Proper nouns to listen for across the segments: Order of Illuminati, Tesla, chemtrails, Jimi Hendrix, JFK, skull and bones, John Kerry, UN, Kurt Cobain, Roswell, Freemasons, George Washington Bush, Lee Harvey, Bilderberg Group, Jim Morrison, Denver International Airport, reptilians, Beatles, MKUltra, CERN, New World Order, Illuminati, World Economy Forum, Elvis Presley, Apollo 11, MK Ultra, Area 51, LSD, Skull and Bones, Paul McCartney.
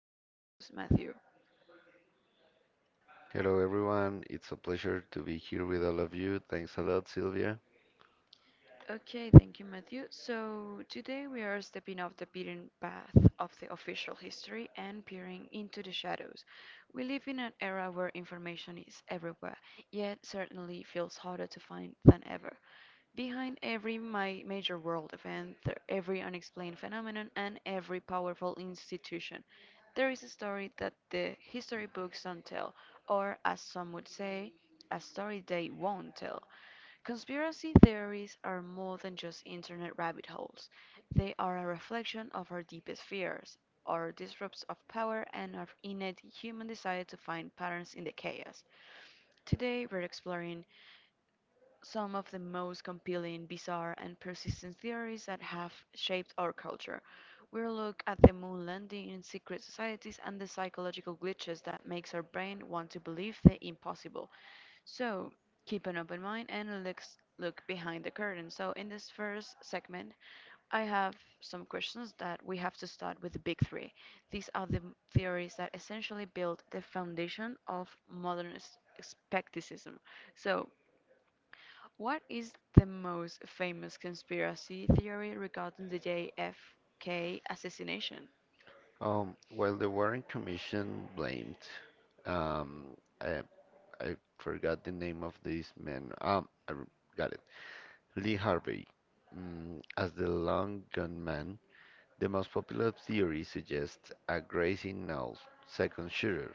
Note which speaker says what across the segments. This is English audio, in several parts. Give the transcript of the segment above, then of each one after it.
Speaker 1: my co host, Matthew.
Speaker 2: Hello everyone, it's a pleasure to be here with all of you. Thanks a lot, Sylvia.
Speaker 1: Okay, thank you, Matthew. So today we are stepping off the beaten path of the official history and peering into the shadows. We live in an era where information is everywhere, yet certainly feels harder to find than ever. Behind every major world event, every unexplained phenomenon, and every powerful institution, there is a story that the history books don't tell, or as some would say, a story they won't tell. Conspiracy theories are more than just internet rabbit holes. They are a reflection of our deepest fears, our disrupts of power, and our innate human desire to find patterns in the chaos. Today, we're exploring some of the most compelling, bizarre, and persistent theories that have shaped our culture. We'll look at the moon landing, secret societies, and the psychological glitches that makes our brain want to believe the impossible. So keep an open mind and let's look behind the curtain. So in this first segment, I have some questions that we have to start with the big three. These are the theories that essentially build the foundation of modern skepticism. So what is the most famous conspiracy theory regarding the JFK assassination?
Speaker 2: Well, the Warren Commission blamed, um, I, I forgot the name of this man. Got it. Lee Harvey, as the long gun man. The most popular theory suggests a grazing null second shooter.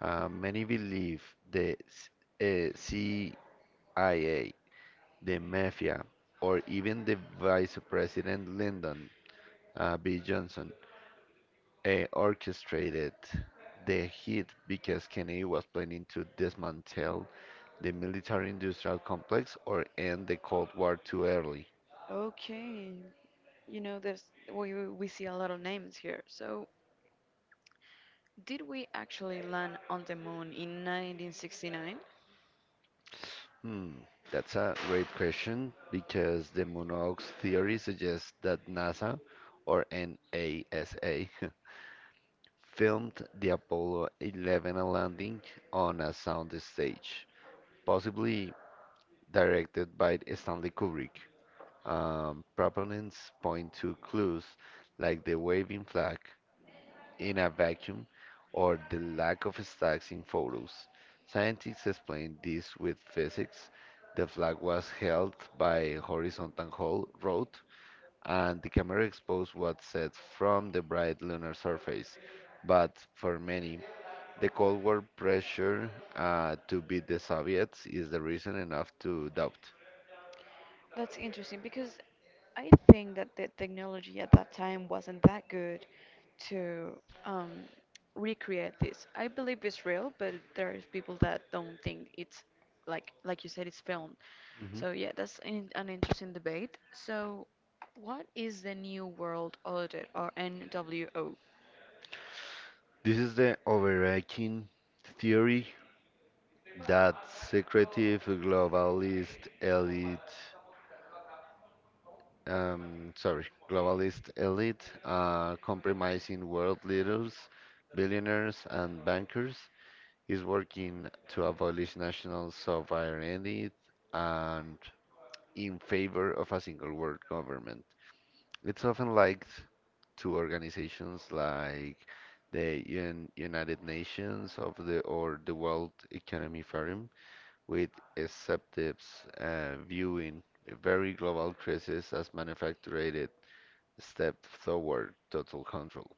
Speaker 2: Many believe the CIA, the mafia, or even the vice president Lyndon B. Johnson orchestrated the hit because Kennedy was planning to dismantle the military industrial complex or end the Cold War too early.
Speaker 1: Okay, you know, there's we see a lot of names here. So, did we actually land on the moon in 1969?
Speaker 2: Hmm, that's a great question because the Monarch's theory suggests that NASA or NASA filmed the Apollo 11 landing on a sound stage, possibly directed by Stanley Kubrick. Proponents point to clues like the waving flag in a vacuum or the lack of stacks in photos. Scientists explain this with physics. The flag was held by horizontal hole rod, and the camera exposed what set from the bright lunar surface. But for many, the Cold War pressure to beat the Soviets is the reason enough to doubt.
Speaker 1: That's interesting because I think that the technology at that time wasn't that good to um, recreate this. I believe it's real, but there's people that don't think it's like you said, it's filmed.
Speaker 2: Mhm.
Speaker 1: So yeah, that's an interesting debate. So what is the New World Order or NWO?
Speaker 2: This is the overarching theory that secretive globalist elite, sorry, globalist elite, compromising world leaders, billionaires, and bankers, is working to abolish national sovereignty and in favor of a single world government. It's often linked to organizations like the UN, United Nations of the or the World Economy Forum, with executives viewing a very global crisis as manufactured step toward total control.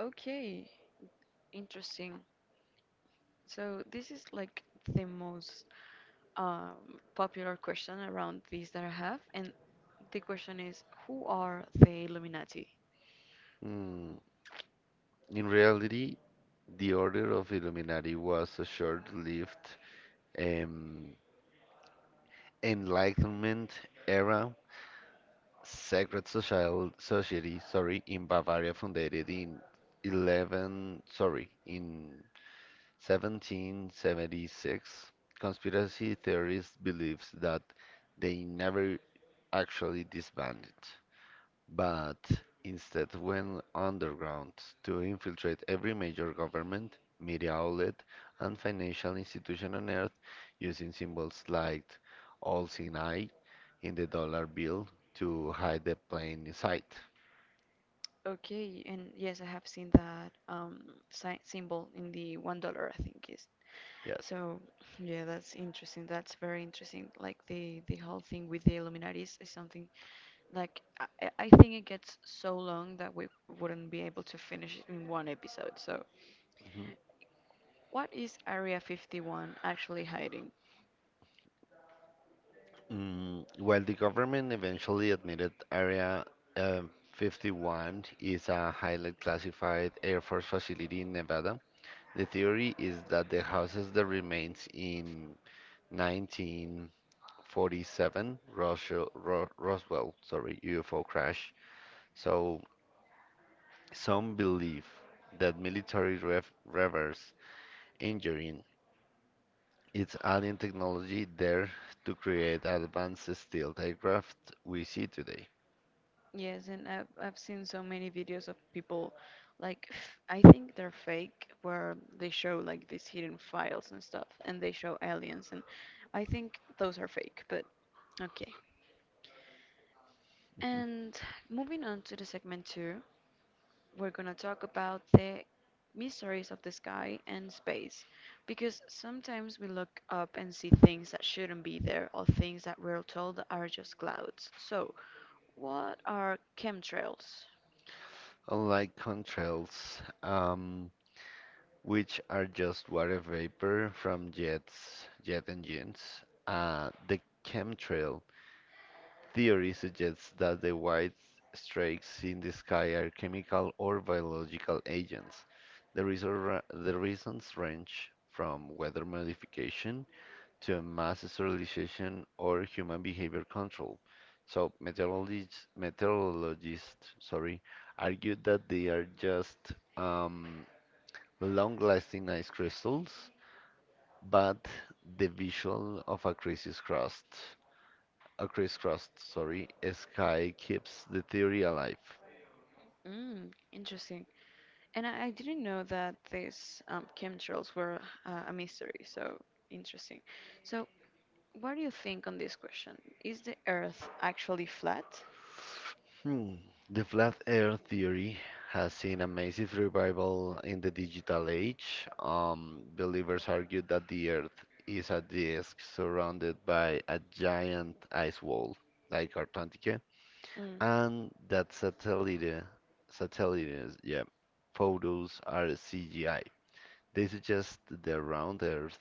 Speaker 1: Okay, interesting. So this is like the most popular question around this that I have, and the question is, who are the Illuminati?
Speaker 2: Mm, In reality, the Order of Illuminati was a short-lived um, Enlightenment era Sacred Social Society, sorry, in Bavaria, founded in 11, sorry, in 1776. Conspiracy theorists believe that they never actually disbanded but instead went underground to infiltrate every major government, media outlet, and financial institution on Earth using symbols like all seen eye in the dollar bill to hide the plain sight.
Speaker 1: Okay, and yes, I have seen that sy symbol in the $1, I think is.
Speaker 2: Yes.
Speaker 1: So yeah, that's interesting. That's very interesting. Like the whole thing with the Illuminatis is something like I think it gets so long that we wouldn't be able to finish it in one episode. So
Speaker 2: Mhm.
Speaker 1: what is Area 51 actually hiding?
Speaker 2: While the government eventually admitted Area uh, 51 is a highly classified Air Force facility in Nevada, the theory is that the houses that remains in 1947 Roswell, Ro Roswell, sorry, UFO crash. So some believe that military ref reverse engineering its alien technology there to create advanced stealth aircraft we see today.
Speaker 1: Yes, and I've seen so many videos of people like I think they're fake where they show like these hidden files and stuff and they show aliens and I think those are fake, but okay. And moving on to the segment 2, we're going to talk about the mysteries of the sky and space because sometimes we look up and see things that shouldn't be there or things that we're told are just clouds. So, what are chemtrails?
Speaker 2: Unlike contrails, which are just water vapor from jets, jet engines, the chemtrail theory suggests that the white streaks in the sky are chemical or biological agents. The, reason the reasons range from weather modification to mass sterilization or human behavior control. So meteorologists, meteorologists, sorry, argued that they are just um, long-lasting ice crystals, but the visual of a crisis crust a crisscross, sorry, sky keeps the theory alive.
Speaker 1: Mm, interesting. And I didn't know that these chemtrails were a mystery, so interesting. So, what do you think on this question? Is the Earth actually flat?
Speaker 2: Hmm. The flat earth theory has seen a massive revival in the digital age. Believers argue that the earth is a disk surrounded by a giant ice wall, like Antarctica,
Speaker 1: Mm.
Speaker 2: and that satellite, satellites, yeah, photos are CGI. This is just the round Earth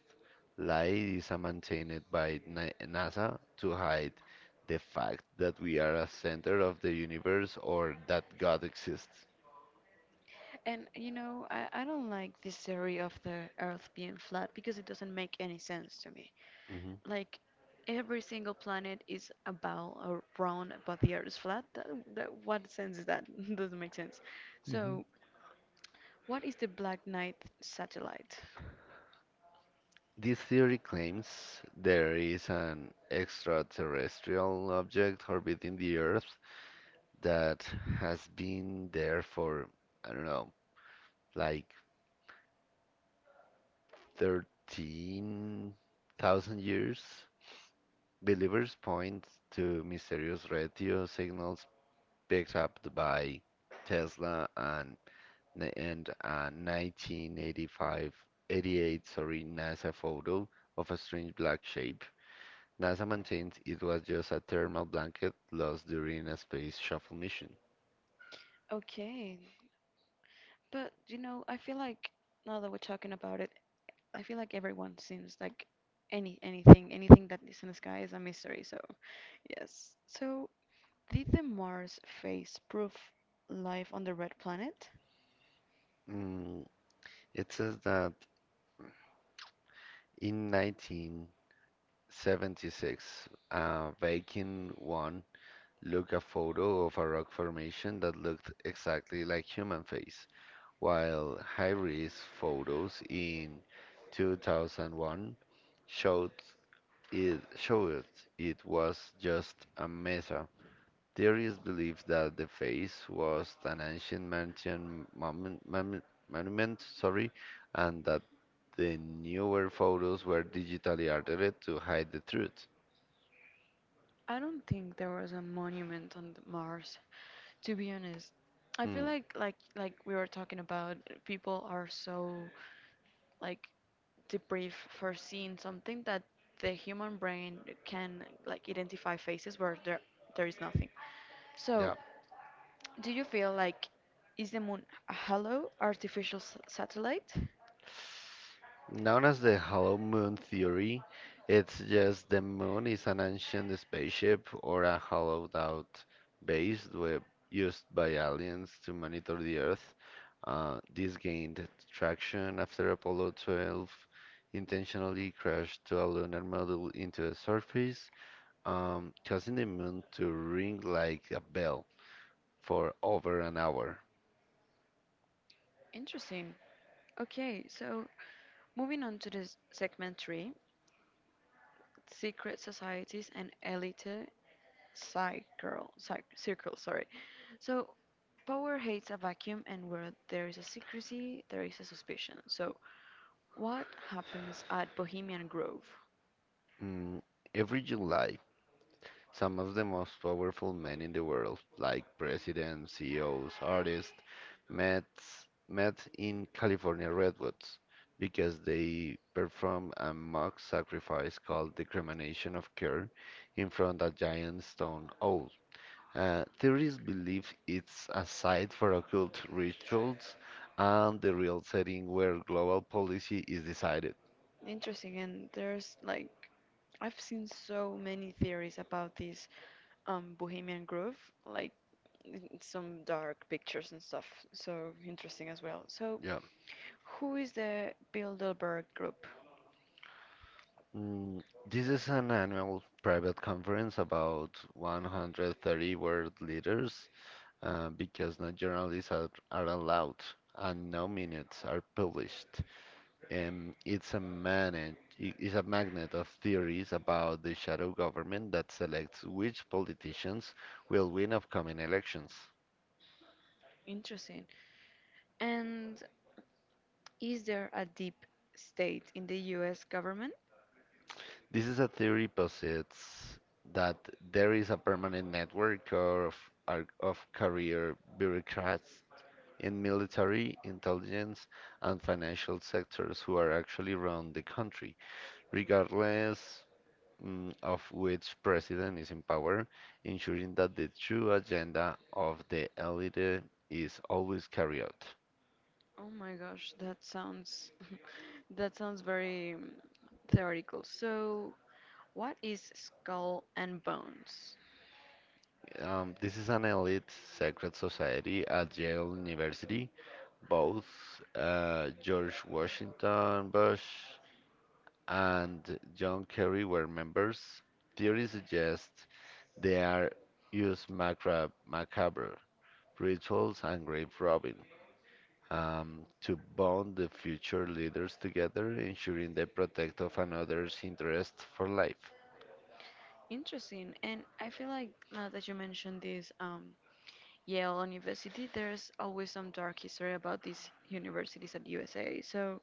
Speaker 2: lie is a maintained by NASA to hide the fact that we are a center of the universe or that God exists.
Speaker 1: And you know, I don't like this theory of the Earth being flat because it doesn't make any sense to me.
Speaker 2: Mhm.
Speaker 1: Like, every single planet is a ball or round, but the Earth is flat. That, that, what sense is that? Doesn't make sense. So, what is the Black Knight satellite?
Speaker 2: This theory claims there is an extraterrestrial object orbiting the Earth that has been there for, I don't know, like 13,000 years. Believers point to mysterious radio signals picked up by Tesla and a 1985 88 sorry NASA photo of a strange black shape. NASA maintained it was just a thermal blanket lost during a space shuttle mission.
Speaker 1: Okay, but you know, I feel like now that we're talking about it, I feel like everyone seems like anything that is in the sky is a mystery. So yes. So did the Mars phase prove life on the red planet?
Speaker 2: Mm, it says that in 1976, Viking 1 look a photo of a rock formation that looked exactly like human face, while high-res photos in 2001 showed it, showed it was just a mesa. Theorists believe that the face was an ancient Martian monument, monument, sorry, and that the newer photos were digitally altered to hide the truth.
Speaker 1: I don't think there was a monument on the Mars. To be honest, I feel
Speaker 2: Hmm,
Speaker 1: like we were talking about, people are so like debrief for seeing something that the human brain can like identify faces where there is nothing. So, do you feel like is the moon a hollow artificial satellite?
Speaker 2: Known as the Hollow Moon theory, it's just the moon is an ancient spaceship or a hollowed out base we- used by aliens to monitor the Earth. This gained traction after Apollo 12 intentionally crashed to a lunar module into the surface, causing the moon to ring like a bell for over an hour.
Speaker 1: Interesting. Okay, so moving on to this segment three, secret societies and elite circle, sorry. So, power hates a vacuum, and where there is a secrecy, there is a suspicion. So, what happens at Bohemian Grove?
Speaker 2: Mm, every July, some of the most powerful men in the world, like presidents, CEOs, artists, met, met in California redwoods because they performed a mock sacrifice called discrimination of care in front of a giant stone owl. Theorists believe it's a site for occult rituals and the real setting where global policy is decided.
Speaker 1: Interesting, and there's like I've seen so many theories about this Bohemian Grove, like in some dark pictures and stuff. So interesting as well. So
Speaker 2: Yeah.
Speaker 1: who is the Bilderberg Group?
Speaker 2: This is an annual private conference about 130 world leaders because no journalists are allowed and no minutes are published. It's a magnet of theories about the shadow government that selects which politicians will win upcoming elections.
Speaker 1: Interesting. And is there a deep state in the US government?
Speaker 2: This is a theory posits that there is a permanent network of career bureaucrats in military, intelligence, and financial sectors who are actually run the country, regardless of which president is in power, ensuring that the true agenda of the elite is always carried out.
Speaker 1: Oh my gosh, that sounds that sounds very theoretical. So what is skull and bones?
Speaker 2: This is an elite secret society at Yale University. Both George Washington Bush and John Kerry were members. Theory suggests they are use macabre rituals and grave robbing to bond the future leaders together, ensuring the protect of another's interest for life.
Speaker 1: Interesting. And I feel like now that you mentioned this Yale University, there's always some dark history about these universities at USA. So,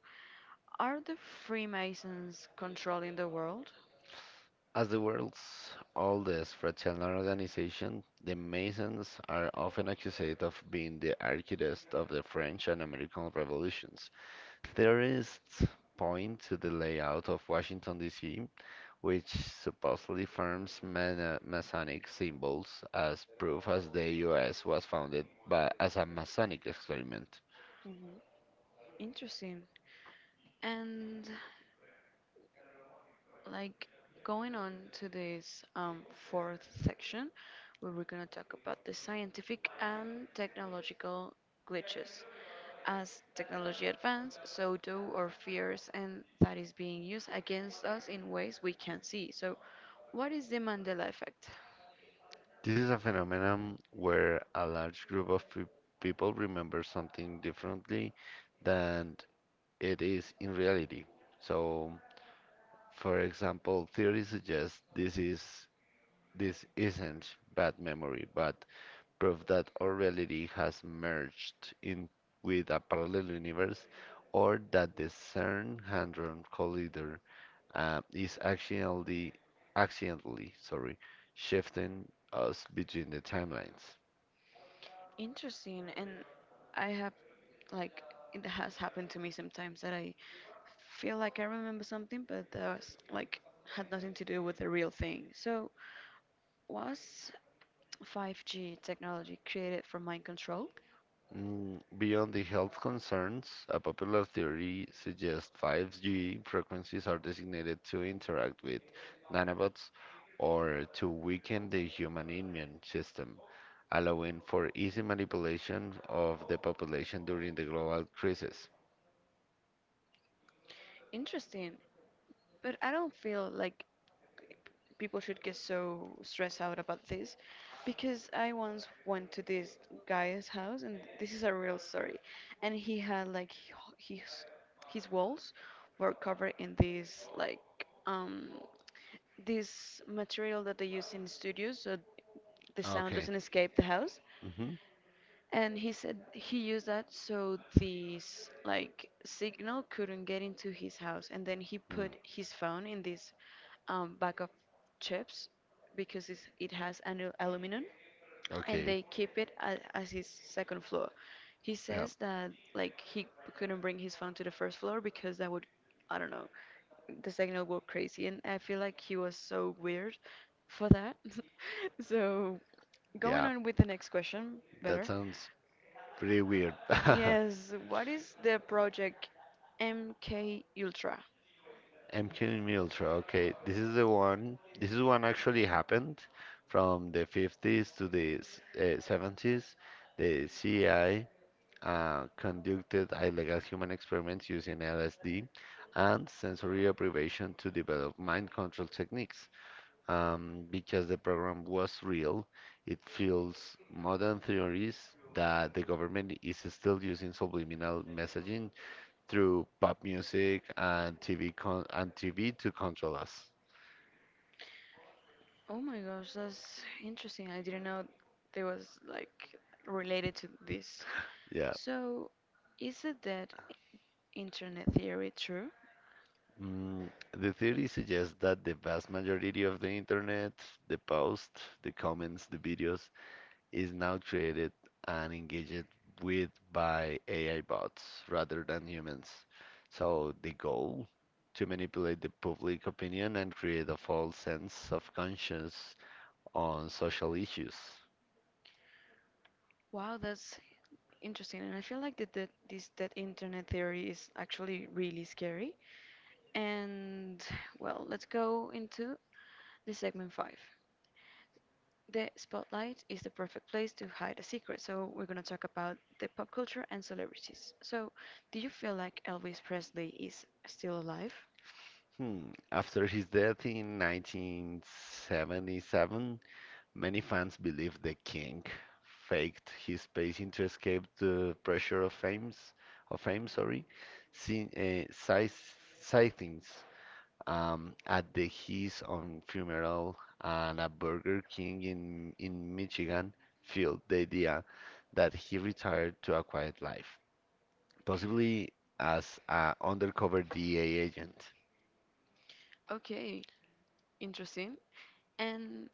Speaker 1: are the Freemasons controlling the world?
Speaker 2: As the world's oldest fraternal organization, the Masons are often accused of being the architects of the French and American revolutions. Theorists point to the layout of Washington, D.C. which supposedly affirms Masonic symbols as proof as the US was founded by, as a Masonic experiment.
Speaker 1: Hmm, interesting. And like going on to this fourth section, where we're going to talk about the scientific and technological glitches. As technology advances, so do our fears, and that is being used against us in ways we can't see. So, what is the Mandela effect?
Speaker 2: This is a phenomenon where a large group of people remember something differently than it is in reality. So, for example, theory suggests this isn't bad memory, but prove that our reality has merged in with a parallel universe, or that the CERN hadron collider is accidentally accidentally sorry shifting us between the timelines.
Speaker 1: Interesting, and I have, like, it has happened to me sometimes that I feel like I remember something, but that was, like, had nothing to do with the real thing. So, was 5G technology created for mind control?
Speaker 2: Beyond the health concerns, a popular theory suggests 5G frequencies are designated to interact with nanobots or to weaken the human immune system, allowing for easy manipulation of the population during the global crisis.
Speaker 1: Interesting. But I don't feel like people should get so stressed out about this because I once went to this guy's house and this is a real story and he had like his walls were covered in this like um this material that they use in studios so the sound
Speaker 2: Okay.
Speaker 1: doesn't escape the house
Speaker 2: Hmm.
Speaker 1: and he said he used that so this like signal couldn't get into his house. And then he
Speaker 2: Mm.
Speaker 1: put his phone in this bag of chips because it has an aluminum and
Speaker 2: Okay.
Speaker 1: they keep it as his second floor. He
Speaker 2: Yeah.
Speaker 1: says that like he couldn't bring his phone to the first floor because that would, I don't know, the signal go crazy. And I feel like he was so weird for that. So going
Speaker 2: Yeah.
Speaker 1: on with the next question,
Speaker 2: That
Speaker 1: better.
Speaker 2: sounds pretty weird.
Speaker 1: Yes, what is the project MK Ultra?
Speaker 2: MQ in Ultra. Okay, this is the one. This is one actually happened from the 50s to the 70s. The CIA conducted illegal human experiments using LSD and sensory deprivation to develop mind control techniques. Because the program was real. It feels modern theories that the government is still using subliminal messaging through pop music and TV con and TV to control us.
Speaker 1: Oh my gosh, that's interesting. I didn't know there was like related to this.
Speaker 2: Yeah.
Speaker 1: So, is it that internet theory true?
Speaker 2: Mm, the theory suggests that the vast majority of the internet, the posts, the comments, the videos, is now created and engaged with by AI bots rather than humans. So the goal to manipulate the public opinion and create a false sense of conscience on social issues.
Speaker 1: Wow, that's interesting. And I feel like that internet theory is actually really scary. And well, let's go into the segment five. The spotlight is the perfect place to hide a secret, so we're gonna talk about the pop culture and celebrities. So, do you feel like Elvis Presley is still alive?
Speaker 2: Hmm. After his death in 1977, many fans believed the king faked his passing to escape the pressure of fame, sorry, sin- uh, sightings at the His on Funeral and a Burger King in Michigan fueled the idea that he retired to a quiet life, possibly as an undercover DEA agent.
Speaker 1: Okay, interesting. And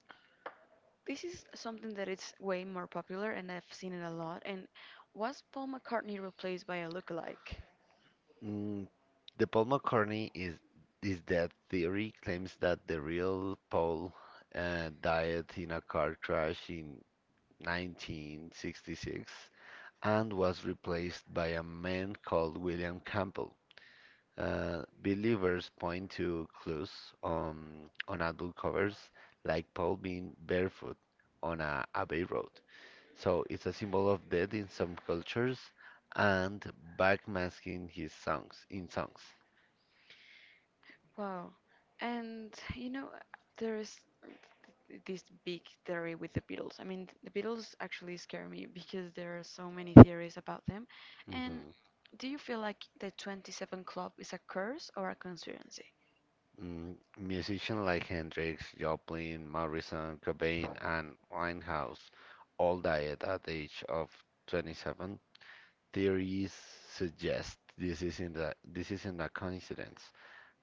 Speaker 1: this is something that is way more popular, and I've seen it a lot. And was Paul McCartney replaced by a lookalike?
Speaker 2: Mm, the Paul McCartney is that theory claims that the real Paul died in a car crash in 1966 and was replaced by a man called William Campbell. Believers point to clues on, on adult covers, like Paul being barefoot on a abbey road. So it's a symbol of death in some cultures and backmasking his songs in songs.
Speaker 1: Wow. And you know, there's this big theory with the Beatles. I mean, the Beatles actually scare me because there are so many theories about them. And
Speaker 2: Mhm.
Speaker 1: do you feel like the 27 Club is a curse or a conspiracy?
Speaker 2: Musicians like Hendrix, Joplin, Morrison, Cobain, and Winehouse all died at the age of 27. Theories suggest this isn't a coincidence,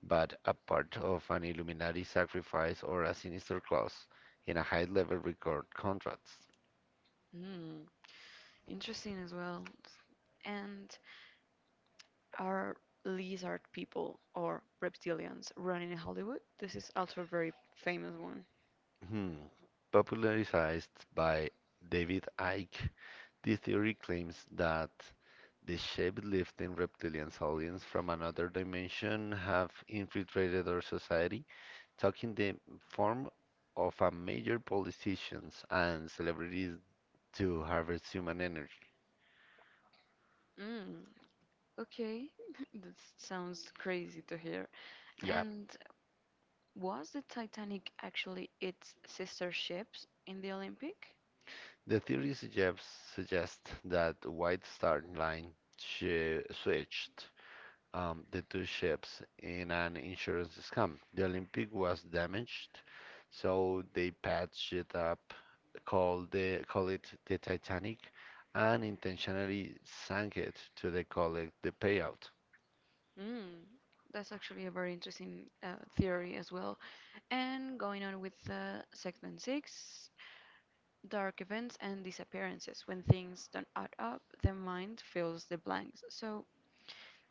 Speaker 2: but a part of an Illuminati sacrifice or a sinister clause in a high-level record contracts.
Speaker 1: Hmm, interesting as well. And are lizard people or reptilians running in Hollywood? This is also a very famous one.
Speaker 2: Hmm. Popularized by David Icke, this theory claims that the shape-lifting reptilian aliens from another dimension have infiltrated our society, taking the form of a major politicians and celebrities to harvest human energy.
Speaker 1: Mm, okay, that sounds crazy to hear.
Speaker 2: Yeah.
Speaker 1: And was the Titanic actually its sister ships in the Olympic?
Speaker 2: The theory suggests that White Star Line shi switched the two ships in an insurance scam. The Olympic was damaged, so they patched it up, call it the Titanic, and intentionally sank it to the collect the payout.
Speaker 1: Mm, that's actually a very interesting theory as well. And going on with segment six dark events and disappearances. When things don't add up, the mind fills the blanks. So,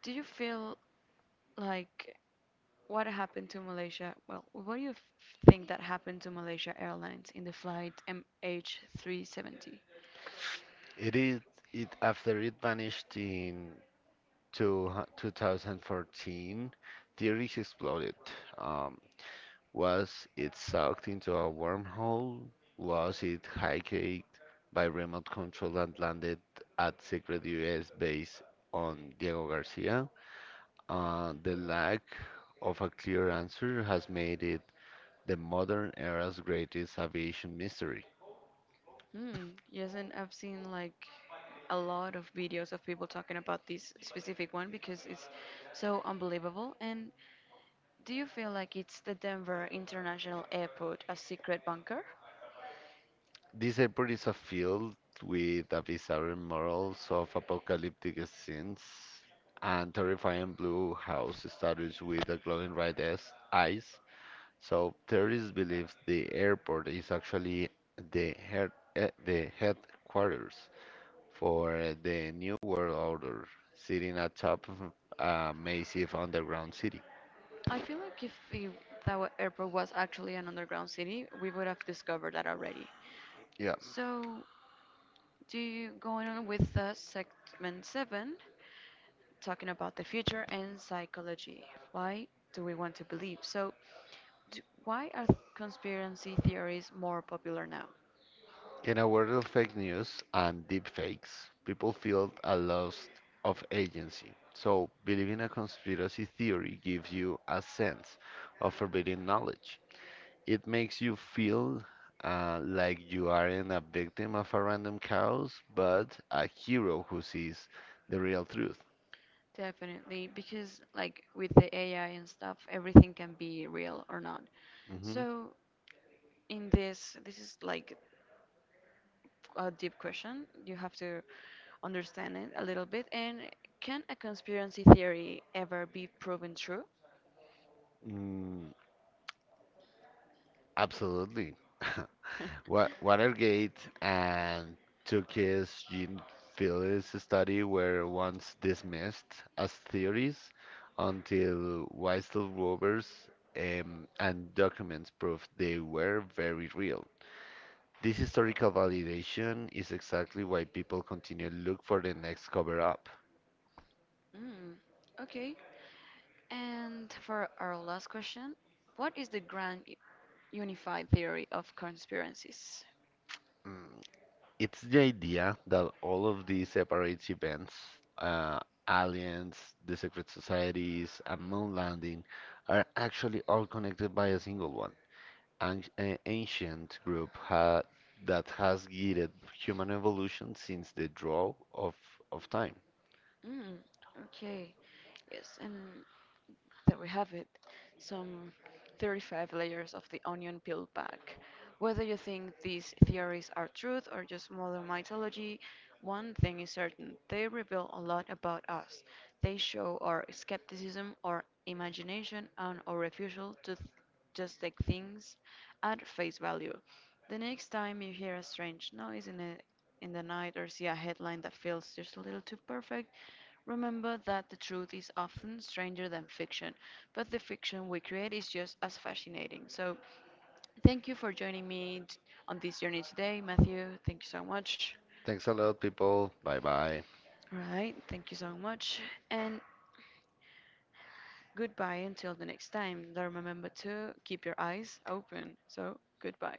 Speaker 1: do you feel like what happened to Malaysia? Well, what do you f- think that happened to Malaysia Airlines in the flight MH370?
Speaker 2: It is it after it vanished in 2014, theories exploded. Um, Was it sucked into a wormhole? Was it hijacked by remote control and landed at secret US base on Diego Garcia? The lack of a clear answer has made it the modern era's greatest aviation mystery.
Speaker 1: Hmm. Yes, and I've seen like a lot of videos of people talking about this specific one because it's so unbelievable. And do you feel like it's the Denver International Airport a secret bunker?
Speaker 2: This airport is a field with a bizarre morals of apocalyptic scenes and terrifying blue house statues with a glowing red eyes. So theorists believe the airport is actually the the headquarters for the New World Order, sitting atop of a massive underground city.
Speaker 1: I feel like if the airport was actually an underground city, we would have discovered that already.
Speaker 2: Yeah.
Speaker 1: So, do you going on with segment seven, talking about the future and psychology? Why do we want to believe? So, why are conspiracy theories more popular now?
Speaker 2: In a world of fake news and deep fakes, people feel a loss of agency. So believing a conspiracy theory gives you a sense of forbidden knowledge. It makes you feel like you aren't a victim of a random chaos, but a hero who sees the real truth.
Speaker 1: Definitely, because like with the AI and stuff, everything can be real or not.
Speaker 2: Mhm.
Speaker 1: So in this is like a deep question. You have to understand it a little bit. And can a conspiracy theory ever be proven true?
Speaker 2: Mm, Absolutely. Watergate and Tukey's gene Phillips study were once dismissed as theories until Weisel rovers and documents proved they were very real. This historical validation is exactly why people continue to look for the next cover up.
Speaker 1: Mm, okay. And for our last question, what is the grand unified theory of conspiracies?
Speaker 2: Mm, It's the idea that all of these separate events, uh, aliens, the secret societies, and moon landing, are actually all connected by a single one, an ancient group ha that has guided human evolution since the draw of time.
Speaker 1: Mm, okay. Yes. And there we have it. Some 35 layers of the onion peeled back. Whether you think these theories are truth or just modern mythology, one thing is certain they reveal a lot about us. They show our skepticism, our imagination, and our refusal to just take things at face value. The next time you hear a strange noise in the night or see a headline that feels just a little too perfect, remember that the truth is often stranger than fiction, but the fiction we create is just as fascinating. So, thank you for joining me on this journey today, Matthew. Thank you so much.
Speaker 2: Thanks a lot, people. Bye bye.
Speaker 1: Right, thank you so much. And goodbye until the next time. Don't remember to keep your eyes open. So, goodbye.